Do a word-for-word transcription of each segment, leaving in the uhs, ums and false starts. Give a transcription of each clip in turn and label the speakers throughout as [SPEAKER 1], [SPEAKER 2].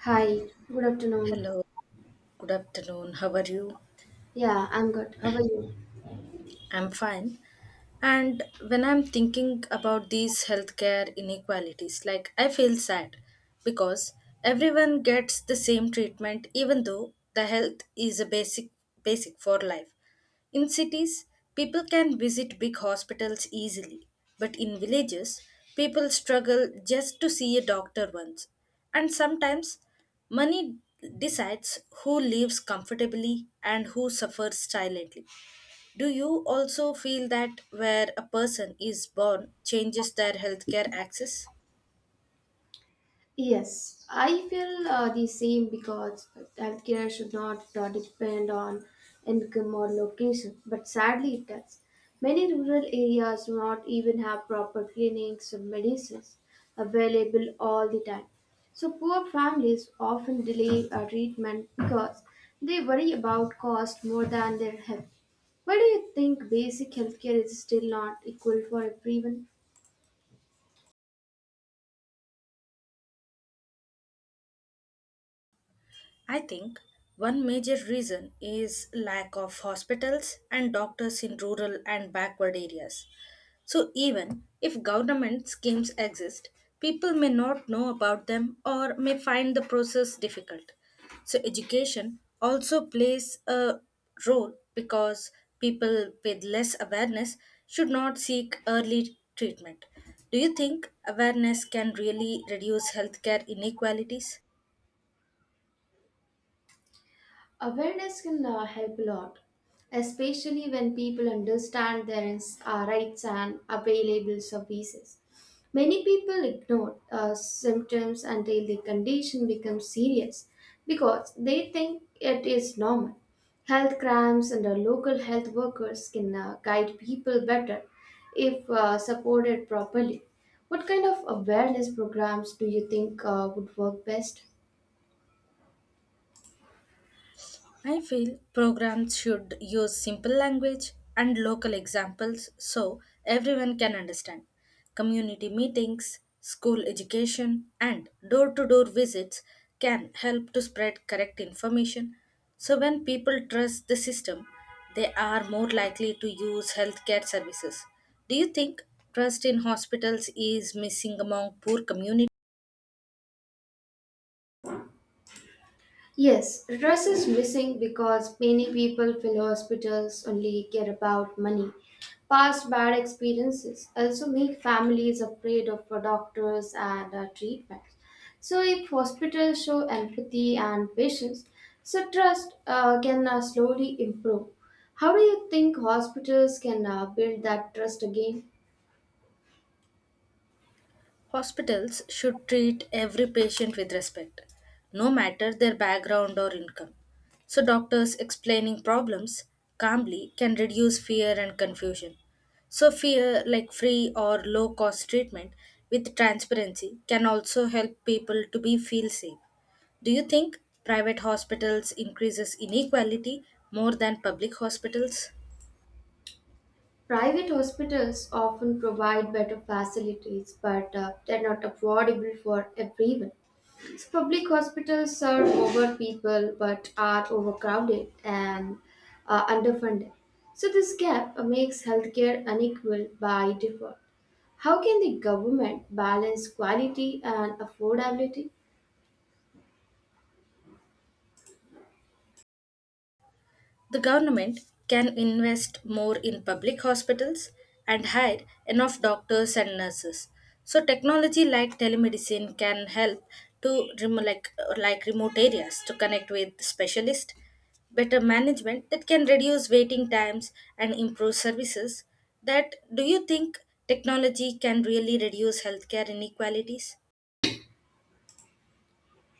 [SPEAKER 1] Hi, good afternoon.
[SPEAKER 2] Hello, good afternoon. How are you?
[SPEAKER 1] Yeah, I'm good. How are you?
[SPEAKER 2] I'm fine. And When I'm thinking about these healthcare inequalities, like I feel sad because everyone gets the same treatment even though the health is a basic basic for life. In cities, people can visit big hospitals easily, but in villages, people struggle just to see a doctor once. And sometimes money decides who lives comfortably and who suffers silently. Do you also feel that where a person is born changes their healthcare access?
[SPEAKER 1] Yes, I feel uh, the same because healthcare should not uh, depend on income or location, but sadly it does. Many rural areas do not even have proper clinics or medicines available all the time. So poor families often delay uh, treatment because they worry about cost more than their health. Why do you think basic healthcare is still not equal for everyone?
[SPEAKER 2] I think one major reason is lack of hospitals and doctors in rural and backward areas. So even if government schemes exist, people may not know about them or may find the process difficult. So education also plays a role because people with less awareness should not seek early treatment. Do you think awareness can really reduce healthcare inequalities?
[SPEAKER 1] Awareness can uh, help a lot, especially when people understand their ins- uh, rights and available services. Many people ignore uh, symptoms until the condition becomes serious because they think it is normal. Health camps and uh, local health workers can uh, guide people better if uh, supported properly. What kind of awareness programs do you think uh, would work best?
[SPEAKER 2] I feel programs should use simple language and local examples so everyone can understand. Community meetings, school education, and door to door visits can help to spread correct information. So, when people trust the system, they are more likely to use healthcare services. Do you think trust in hospitals is missing among poor communities?
[SPEAKER 1] Yes, trust is missing because many people fill hospitals only care about money. Past bad experiences also make families afraid of doctors and uh, treatments. So, if hospitals show empathy and patience, so trust uh, can uh, slowly improve. How do you think hospitals can uh, build that trust again?
[SPEAKER 2] Hospitals should treat every patient with respect, no matter their background or income. So, doctors explaining problems calmly can reduce fear and confusion. So, fear like free or low cost treatment with transparency can also help people to be feel safe. Do you think private hospitals increases inequality more than public hospitals?
[SPEAKER 1] Private hospitals often provide better facilities but uh, they're not affordable for everyone. So public hospitals serve over people but are overcrowded and uh, underfunded. So this gap uh, makes healthcare unequal by default. How can the government balance quality and affordability?
[SPEAKER 2] The government can invest more in public hospitals and hire enough doctors and nurses. So technology like telemedicine can help to remo- like, like remote areas to connect with specialists, better management that can reduce waiting times and improve services. That do you think technology can really reduce healthcare inequalities?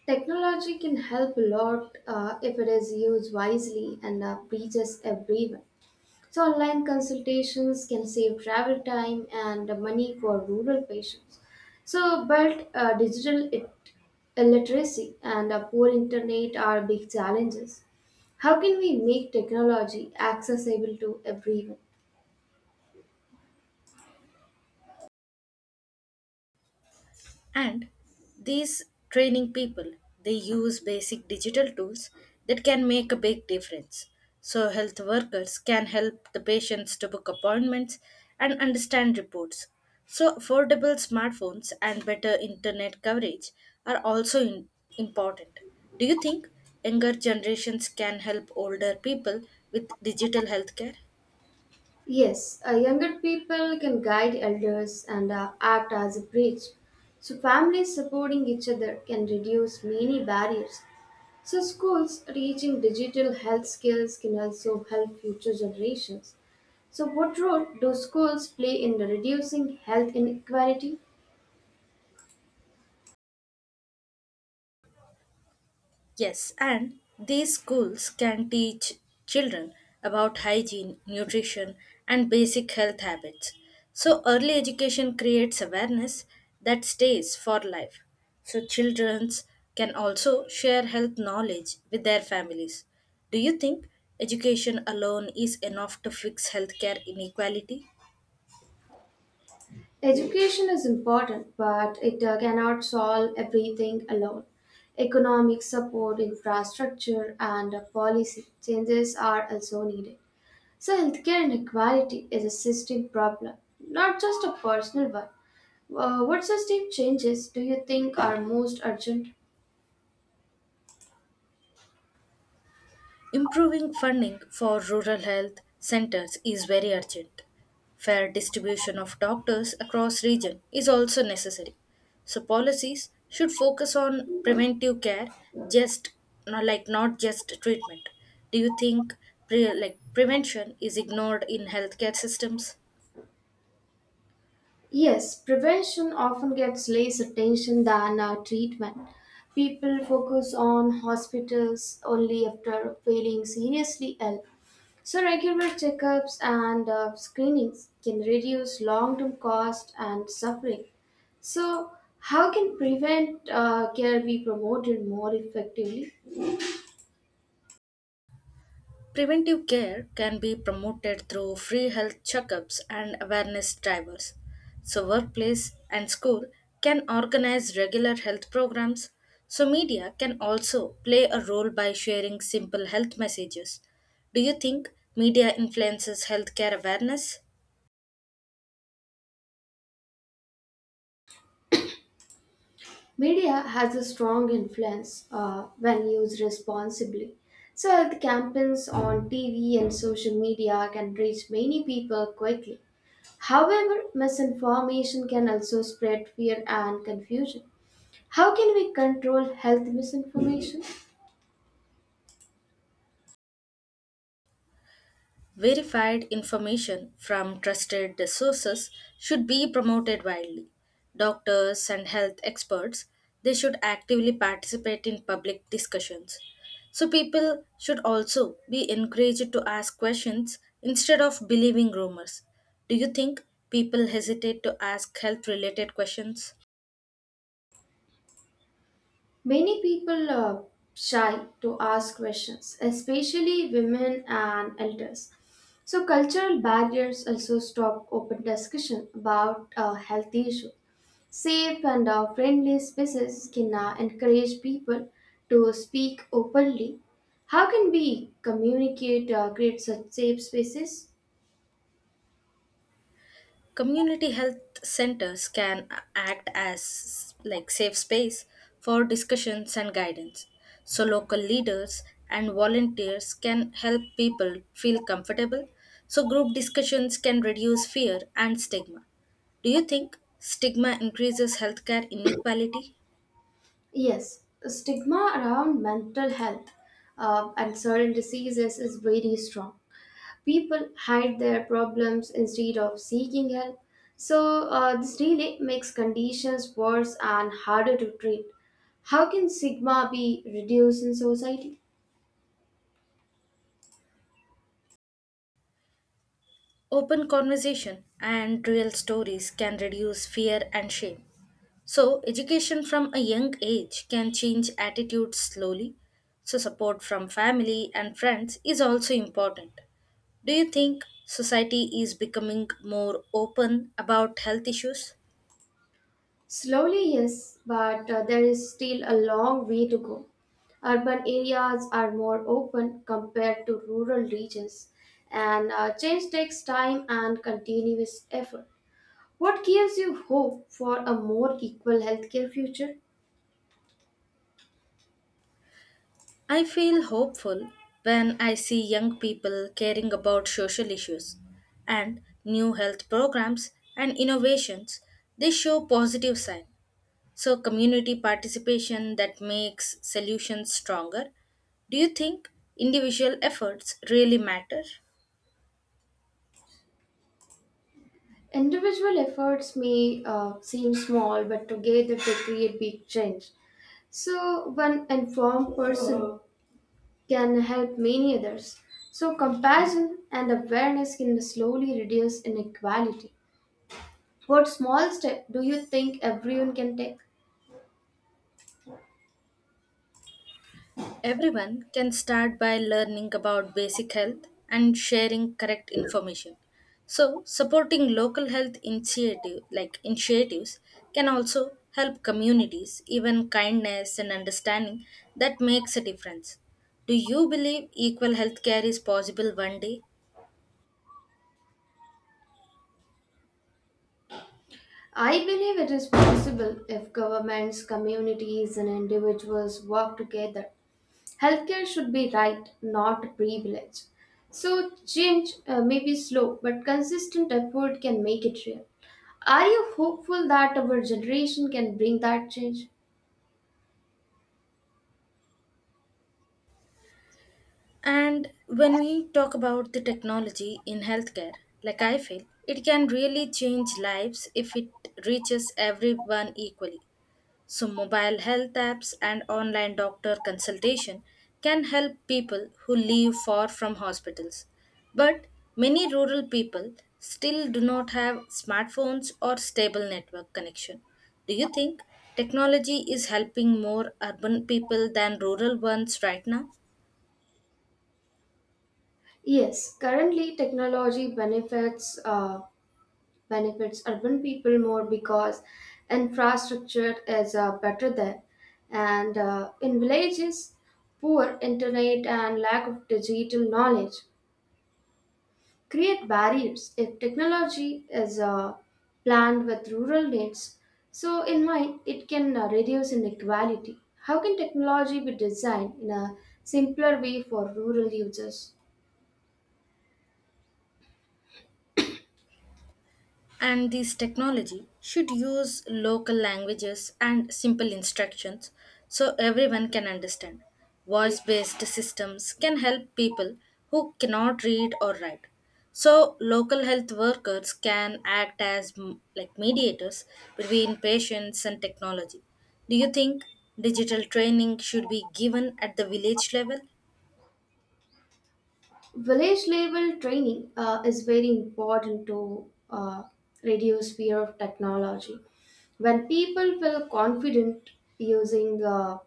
[SPEAKER 1] Technology can help a lot uh, if it is used wisely and uh, reaches everyone. So, online consultations can save travel time and money for rural patients. So, but uh, digital it- illiteracy and uh, poor internet are big challenges. How can we make technology accessible to everyone?
[SPEAKER 2] And these training people, they use basic digital tools that can make a big difference. So health workers can help the patients to book appointments and understand reports. So affordable smartphones and better internet coverage are also in- important. Do you think younger generations can help older people with digital healthcare?
[SPEAKER 1] Yes, uh, younger people can guide elders and uh, act as a bridge. So, families supporting each other can reduce many barriers. So, schools teaching digital health skills can also help future generations. So, what role do schools play in reducing health inequality?
[SPEAKER 2] Yes, and these schools can teach children about hygiene, nutrition, and basic health habits. So, early education creates awareness that stays for life. So, children can also share health knowledge with their families. Do you think education alone is enough to fix healthcare inequality?
[SPEAKER 1] Education is important, but it uh, cannot solve everything alone. Economic support, infrastructure, and uh, policy changes are also needed. So, healthcare inequality is a system problem, not just a personal one. Uh, what system changes do you think are most urgent?
[SPEAKER 2] Improving funding for rural health centers is very urgent. Fair distribution of doctors across region is also necessary. So policies should focus on preventive care, just not like not just treatment. Do you think pre- like prevention is ignored in healthcare systems?
[SPEAKER 1] Yes, prevention often gets less attention than uh, treatment. People focus on hospitals only after feeling seriously ill. So, regular checkups and uh, screenings can reduce long term cost and suffering. So, how can prevent uh, care be promoted more effectively?
[SPEAKER 2] Preventive care can be promoted through free health checkups and awareness drivers. So, workplace and school can organize regular health programs. So, media can also play a role by sharing simple health messages. Do you think media influences healthcare awareness?
[SPEAKER 1] Media has a strong influence uh, when used responsibly. So, health campaigns on T V and social media can reach many people quickly. However, misinformation can also spread fear and confusion. How can we control health misinformation?
[SPEAKER 2] Verified information from trusted sources should be promoted widely. Doctors and health experts, they should actively participate in public discussions. So people should also be encouraged to ask questions instead of believing rumors. Do you think people hesitate to ask health related questions?
[SPEAKER 1] Many people are shy to ask questions, especially women and elders. So, cultural barriers also stop open discussion about a health issue. Safe and uh, friendly spaces can uh, encourage people to speak openly. How can we communicate, uh, create such safe spaces?
[SPEAKER 2] Community health centers can act as like safe space for discussions and guidance. So local leaders and volunteers can help people feel comfortable. So group discussions can reduce fear and stigma. Do you think stigma increases healthcare inequality?
[SPEAKER 1] Yes, stigma around mental health uh, and certain diseases is very strong. People hide their problems instead of seeking help. So, uh, this really makes conditions worse and harder to treat. How can stigma be reduced in society?
[SPEAKER 2] Open conversation and real stories can reduce fear and shame. So, education from a young age can change attitudes slowly. So, support from family and friends is also important. Do you think society is becoming more open about health issues?
[SPEAKER 1] Slowly, yes, but uh, there is still a long way to go. Urban areas are more open compared to rural regions, and uh, change takes time and continuous effort. What gives you hope for a more equal healthcare future?
[SPEAKER 2] I feel hopeful when I see young people caring about social issues and new health programs and innovations. They show positive signs. So, community participation that makes solutions stronger. Do you think individual efforts really matter?
[SPEAKER 1] Individual efforts may uh, seem small, but together they create big change. So, one informed person can help many others. So, compassion and awareness can slowly reduce inequality. What small step do you think everyone can take?
[SPEAKER 2] Everyone can start by learning about basic health and sharing correct information. So, supporting local health initiative like initiatives can also help communities even kindness and understanding that makes a difference. Do you believe equal healthcare is possible one day?
[SPEAKER 1] I believe it is possible if governments, communities, and individuals work together. Healthcare should be right, not privilege. So, change uh, may be slow, but consistent effort can make it real. Are you hopeful that our generation can bring that change?
[SPEAKER 2] And When we talk about the technology in healthcare, like I feel, it can really change lives if it reaches everyone equally. So, mobile health apps and online doctor consultation can help people who live far from hospitals. But many rural people still do not have smartphones or stable network connection. Do you think technology is helping more urban people than rural ones right now?
[SPEAKER 1] Yes, currently technology benefits uh, benefits urban people more because infrastructure is uh, better there, and uh, in villages, poor internet and lack of digital knowledge create barriers. If technology is uh, planned with rural needs, so in mind, it can uh, reduce inequality. How can technology be designed in a simpler way for rural users?
[SPEAKER 2] And This technology should use local languages and simple instructions so everyone can understand. Voice based systems can help people who cannot read or write. So, local health workers can act as m- like mediators between patients and technology. Do you think digital training should be given at the village level?
[SPEAKER 1] Village level training uh, is very important to uh, reduce fear of technology. When people feel confident using uh,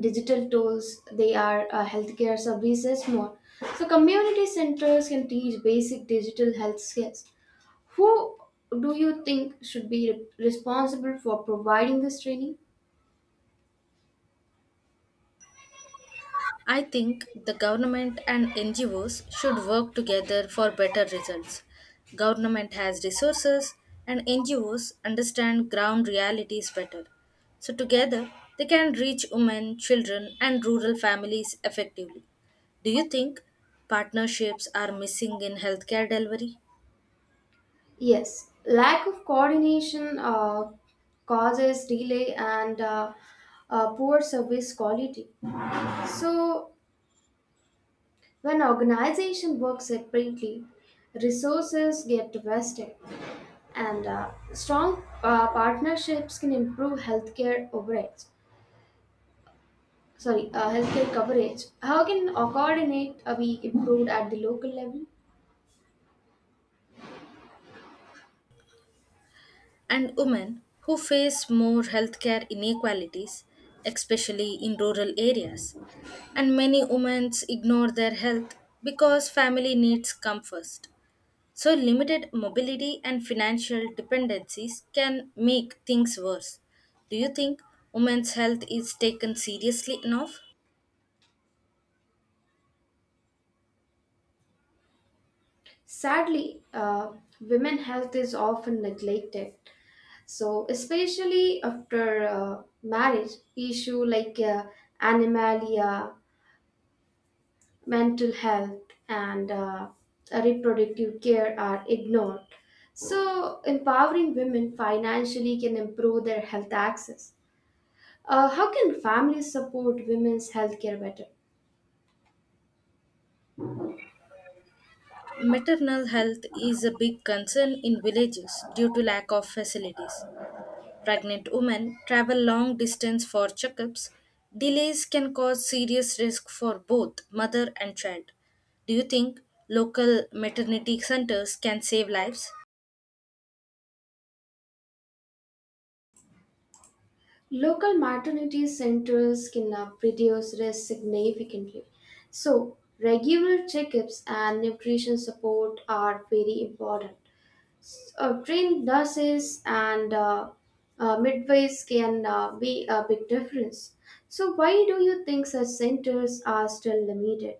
[SPEAKER 1] digital tools, they are uh, healthcare services more. So, community centers can teach basic digital health skills. Who do you think should be responsible for providing this training?
[SPEAKER 2] I think the government and N G Os should work together for better results. Government has resources and N G Os understand ground realities better. So together they can reach women, children and rural families effectively. Do you think partnerships are missing in healthcare delivery?
[SPEAKER 1] Yes, lack of coordination uh, causes delay and uh, uh, poor service quality. So, when organization work separately, resources get wasted, and uh, strong uh, partnerships can improve healthcare overheads. Sorry, uh, healthcare coverage. How can uh, coordinate uh, be improved at the local level?
[SPEAKER 2] and women who face more healthcare inequalities, especially in rural areas. And many women ignore their health because family needs come first. So, limited mobility and financial dependencies can make things worse. Do you think women's health is taken seriously enough?
[SPEAKER 1] Sadly, uh, women health is often neglected. So, especially after uh, marriage, issue like uh, animalia, mental health, and uh, reproductive care are ignored. So, empowering women financially can improve their health access. Uh, how can families support women's healthcare better?
[SPEAKER 2] Maternal health is a big concern in villages due to lack of facilities. Pregnant women travel long distance for checkups. Delays can cause serious risk for both mother and child. Do you think local maternity centers can save lives?
[SPEAKER 1] Local maternity centers can uh, reduce risk significantly. So, regular checkups and nutrition support are very important. uh, trained nurses and uh, uh, midwives can uh, be a big difference. So, why do you think such centers are still limited?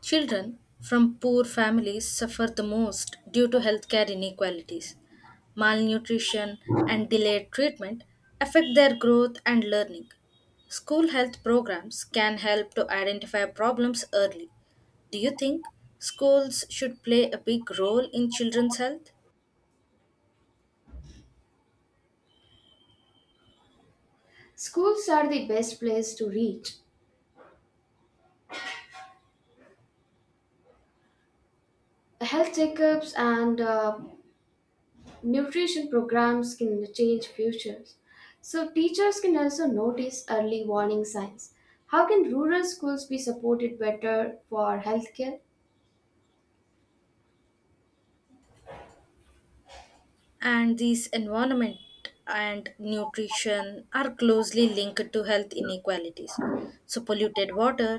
[SPEAKER 2] Children from poor families suffer the most due to healthcare inequalities. Malnutrition and delayed treatment affect their growth and learning. School health programs can help to identify problems early. Do you think schools should play a big role in children's health?
[SPEAKER 1] Schools are the best place to reach. Health checkups and uh, nutrition programs can change futures. So, teachers can also notice early warning signs. How can rural schools be supported better for healthcare?
[SPEAKER 2] And these environment and nutrition are closely linked to health inequalities. So polluted water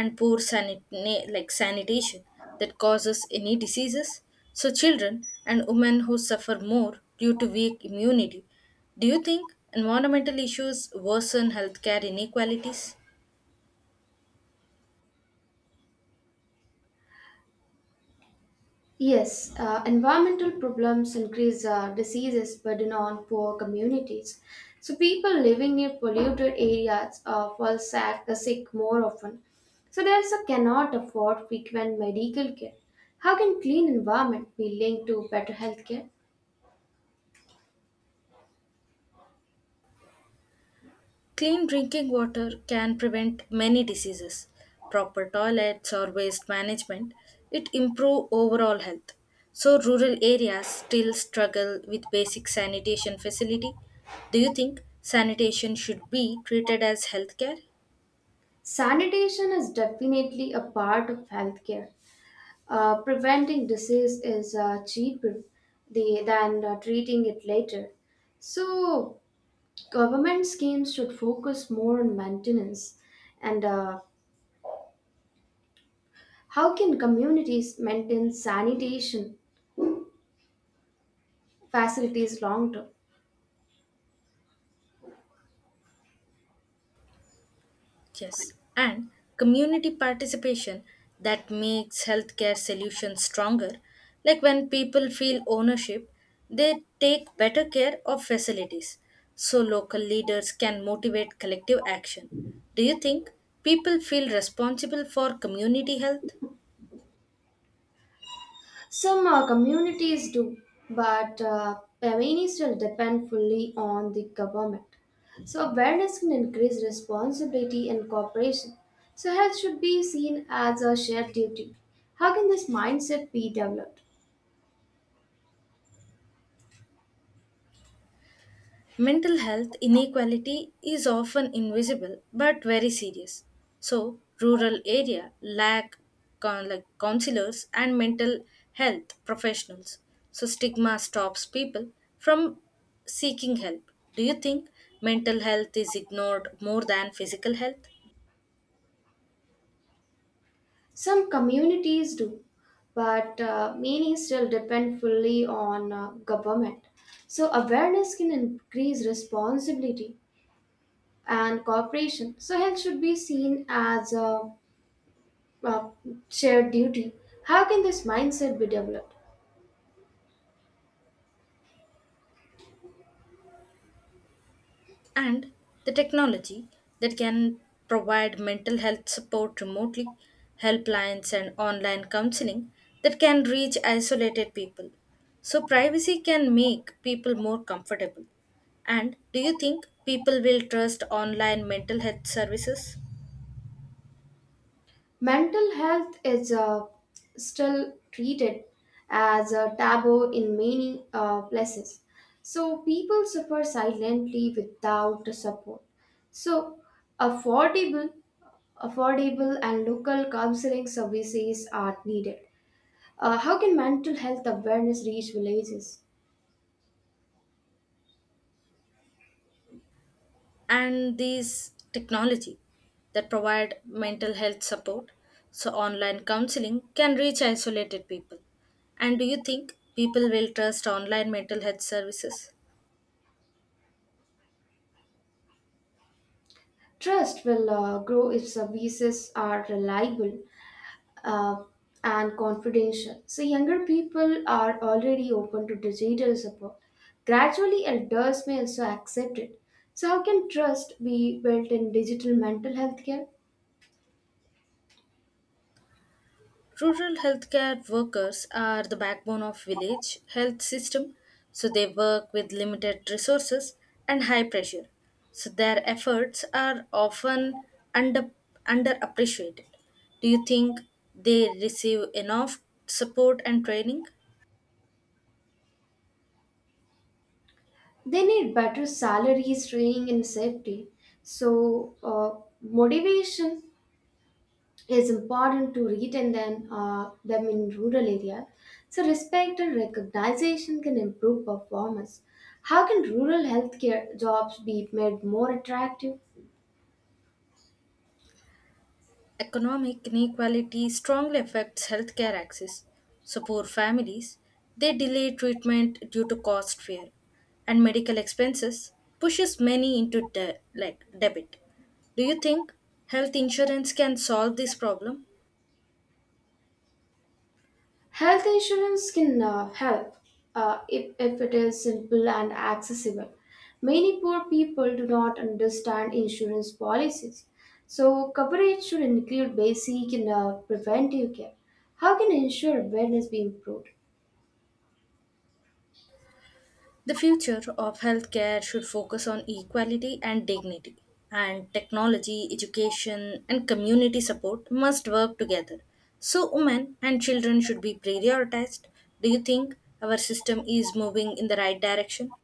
[SPEAKER 2] and poor sanit- na- like sanitation that causes any diseases. So children and women who suffer more due to weak immunity. Do you think environmental issues worsen healthcare inequalities?
[SPEAKER 1] Yes, uh, environmental problems increase uh, diseases burden on poor communities. So people living near polluted areas uh, fall sick, sick more often. So they also cannot afford frequent medical care. How can clean environment be linked to better healthcare?
[SPEAKER 2] Clean drinking water can prevent many diseases. Proper toilets or waste management, it improve overall health. So rural areas still struggle with basic sanitation facility. Do you think sanitation should be treated as healthcare?
[SPEAKER 1] Sanitation is definitely a part of healthcare. Uh, preventing disease is uh, cheaper the, than uh, treating it later. So government schemes should focus more on maintenance and uh, how can communities maintain sanitation facilities long term.
[SPEAKER 2] Yes, and community participation that makes healthcare solutions stronger. Like when people feel ownership, they take better care of facilities. So local leaders can motivate collective action. Do you think people feel responsible for community health?
[SPEAKER 1] Some uh, communities do, but uh, many still depend fully on the government. So awareness can increase responsibility and cooperation. So health should be seen as a shared duty. How can this mindset be developed?
[SPEAKER 2] Mental health inequality is often invisible but very serious. So, rural area lack con- like counselors and mental health professionals. So, stigma stops people from seeking help. Do you think mental health is ignored more than physical health?
[SPEAKER 1] Some communities do, but uh, many still depend fully on uh, government. So, awareness can increase responsibility and cooperation. So, health should be seen as a, a shared duty. How can this mindset be developed?
[SPEAKER 2] And the technology that can provide mental health support remotely, helplines, and online counseling that can reach isolated people. So, privacy can make people more comfortable. And do you think people will trust online mental health services?
[SPEAKER 1] Mental health is uh, still treated as a taboo in many uh, places. So people suffer silently without the support. So affordable, affordable and local counseling services are needed. Uh, how can mental health awareness reach villages?
[SPEAKER 2] And these technology that provide mental health support. So online counseling can reach isolated people. And do you think people will trust online mental health services?
[SPEAKER 1] Trust will uh, grow if services are reliable uh, and confidential. So younger people are already open to digital support. Gradually, elders may also accept it. So how can trust be built in digital mental health care?
[SPEAKER 2] Rural healthcare workers are the backbone of village health system. So they work with limited resources and high pressure. So their efforts are often under underappreciated. Do you think they receive enough support and training?
[SPEAKER 1] They need better salaries, training, and safety. So uh, motivation is important to retain them, uh, them in rural area. So respect and recognition can improve performance. How can rural healthcare jobs be made more attractive?
[SPEAKER 2] Economic inequality strongly affects healthcare access. So poor families, they delay treatment due to cost fear, and medical expenses pushes many into de- like debit. Do you think health insurance can solve this problem?
[SPEAKER 1] Health insurance can uh, help uh, if, if it is simple and accessible. Many poor people do not understand insurance policies, so coverage should include basic and uh, preventive care. How can insurer awareness be improved?
[SPEAKER 2] The future of healthcare should focus on equality and dignity, and technology, education, and community support must work together. So, women and children should be prioritized. Do you think our system is moving in the right direction?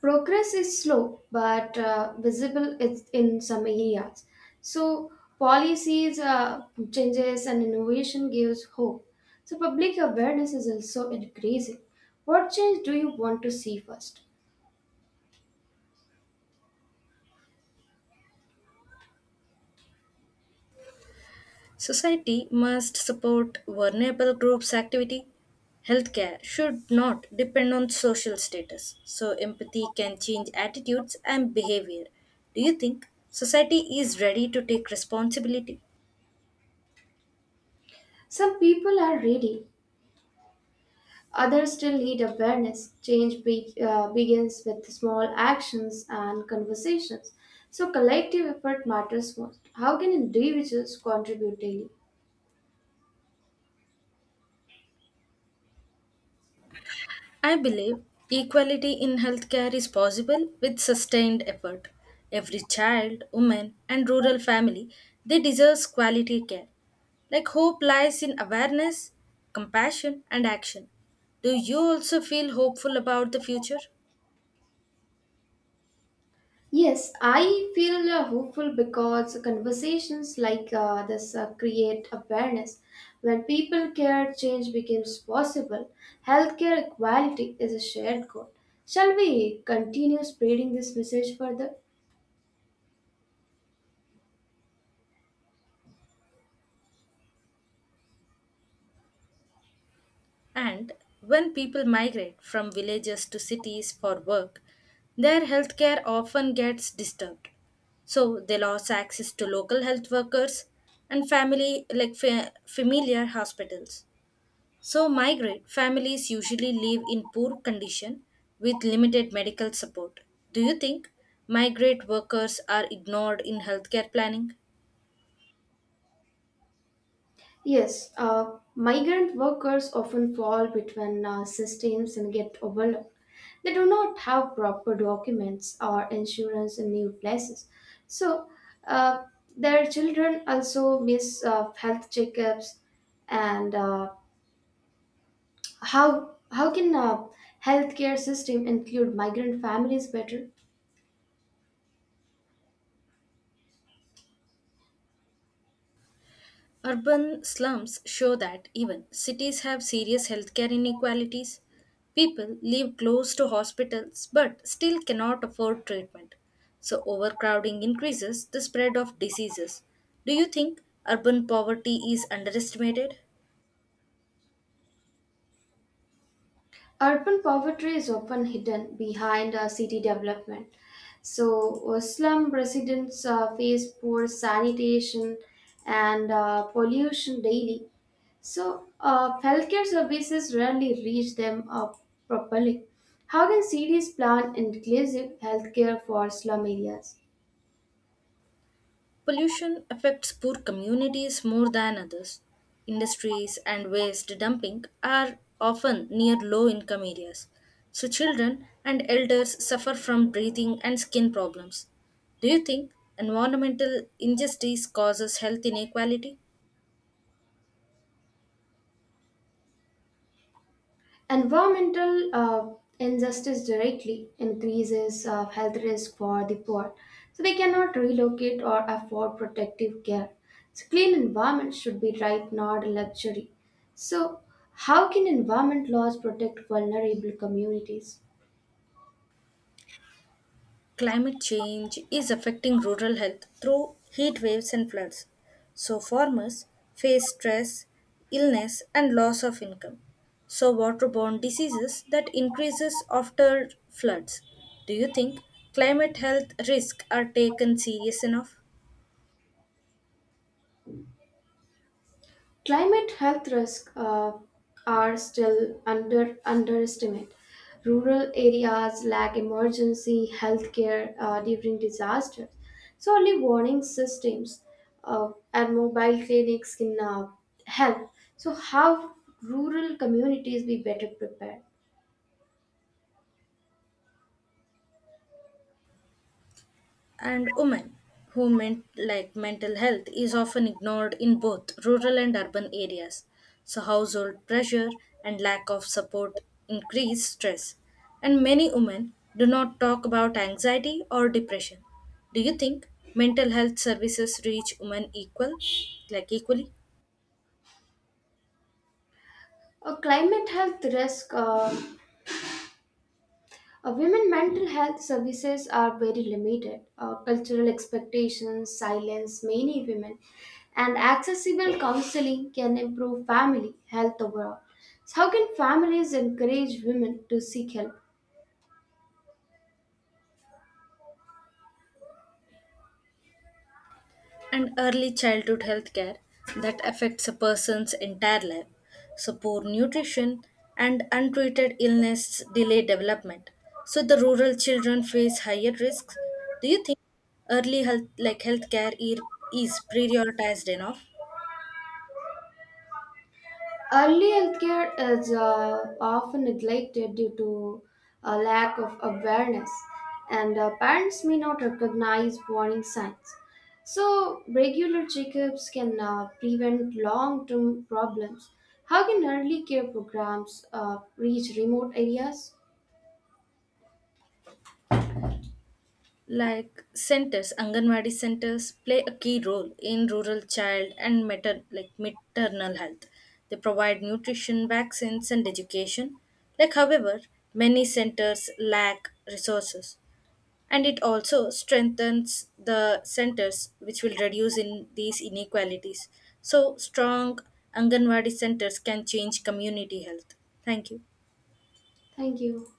[SPEAKER 1] Progress is slow but uh, visible it's in some areas. So policies, uh, changes, and innovation gives hope. So public awareness is also increasing. What change do you want to see first?
[SPEAKER 2] Society must support vulnerable groups' activity. Healthcare should not depend on social status, so empathy can change attitudes and behavior. Do you think society is ready to take responsibility?
[SPEAKER 1] Some people are ready. Others still need awareness. Change be- uh, begins with small actions and conversations. So collective effort matters most. How can individuals contribute daily?
[SPEAKER 2] I believe equality in healthcare is possible with sustained effort. Every child, woman, and rural family, they deserve quality care. Like hope lies in awareness, compassion, and action. Do you also feel hopeful about the future?
[SPEAKER 1] Yes, I feel uh, hopeful because conversations like uh, this uh, create awareness. When people care, change becomes possible. Healthcare equality is a shared goal. Shall we continue spreading this message further?
[SPEAKER 2] And When people migrate from villages to cities for work, their healthcare often gets disturbed. So they lost access to local health workers and family like fa- familiar hospitals. So migrant families usually live in poor condition with limited medical support. Do you think migrant workers are ignored in healthcare planning?
[SPEAKER 1] Yes, uh, migrant workers often fall between uh, systems and get overlooked. They do not have proper documents or insurance in new places. So, uh, their children also miss uh, health checkups. And uh, how, how can uh, healthcare system include migrant families better?
[SPEAKER 2] Urban slums show that even cities have serious healthcare inequalities. People live close to hospitals but still cannot afford treatment. So, overcrowding increases the spread of diseases. Do you think urban poverty is underestimated?
[SPEAKER 1] Urban poverty is often hidden behind uh, city development. So, uh, slum residents uh, face poor sanitation and uh, pollution daily. So, uh, healthcare services rarely reach them uh, properly. How can cities plan inclusive healthcare for slum areas?
[SPEAKER 2] Pollution affects poor communities more than others. Industries and waste dumping are often near low income areas, so children and elders suffer from breathing and skin problems. Do you think environmental injustice causes health inequality?
[SPEAKER 1] Environmental uh, injustice directly increases uh, health risk for the poor, so they cannot relocate or afford protective care. So clean environment should be right, not a luxury. So, how can environment laws protect vulnerable communities?
[SPEAKER 2] Climate change is affecting rural health through heat waves and floods. So, farmers face stress, illness, and loss of income. So, waterborne diseases that increases after floods. Do you think climate health risks are taken serious enough?
[SPEAKER 1] Climate health risks uh, are still under underestimated. Rural areas lack emergency health care uh, during disasters, so early warning systems uh, and mobile clinics can uh, help. So, how rural communities be better prepared?
[SPEAKER 2] and women who meant like mental health is often ignored in both rural and urban areas. So household pressure and lack of support increase stress, and many women do not talk about anxiety or depression. Do you think mental health services reach women equal like equally?
[SPEAKER 1] A climate health risk uh, Uh, women mental health services are very limited. Uh, cultural expectations silence many women, and accessible counseling can improve family health overall. So, how can families encourage women to seek help?
[SPEAKER 2] And early childhood health care that affects a person's entire life. So, poor nutrition and untreated illness delay development. So, the rural children face higher risks. Do you think early health, like healthcare e- is prioritized enough?
[SPEAKER 1] Early healthcare is uh, often neglected due to a lack of awareness, and uh, parents may not recognize warning signs. So, regular checkups can uh, prevent long term problems. How can early care programs uh, reach remote areas?
[SPEAKER 2] Like centers, anganwadi centers play a key role in rural child and matern like maternal health. They provide nutrition vaccines and education. Like however, many centers lack resources, and it also strengthens the centers which will reduce in these inequalities. So strong anganwadi centers can change community health. Thank you.
[SPEAKER 1] Thank you.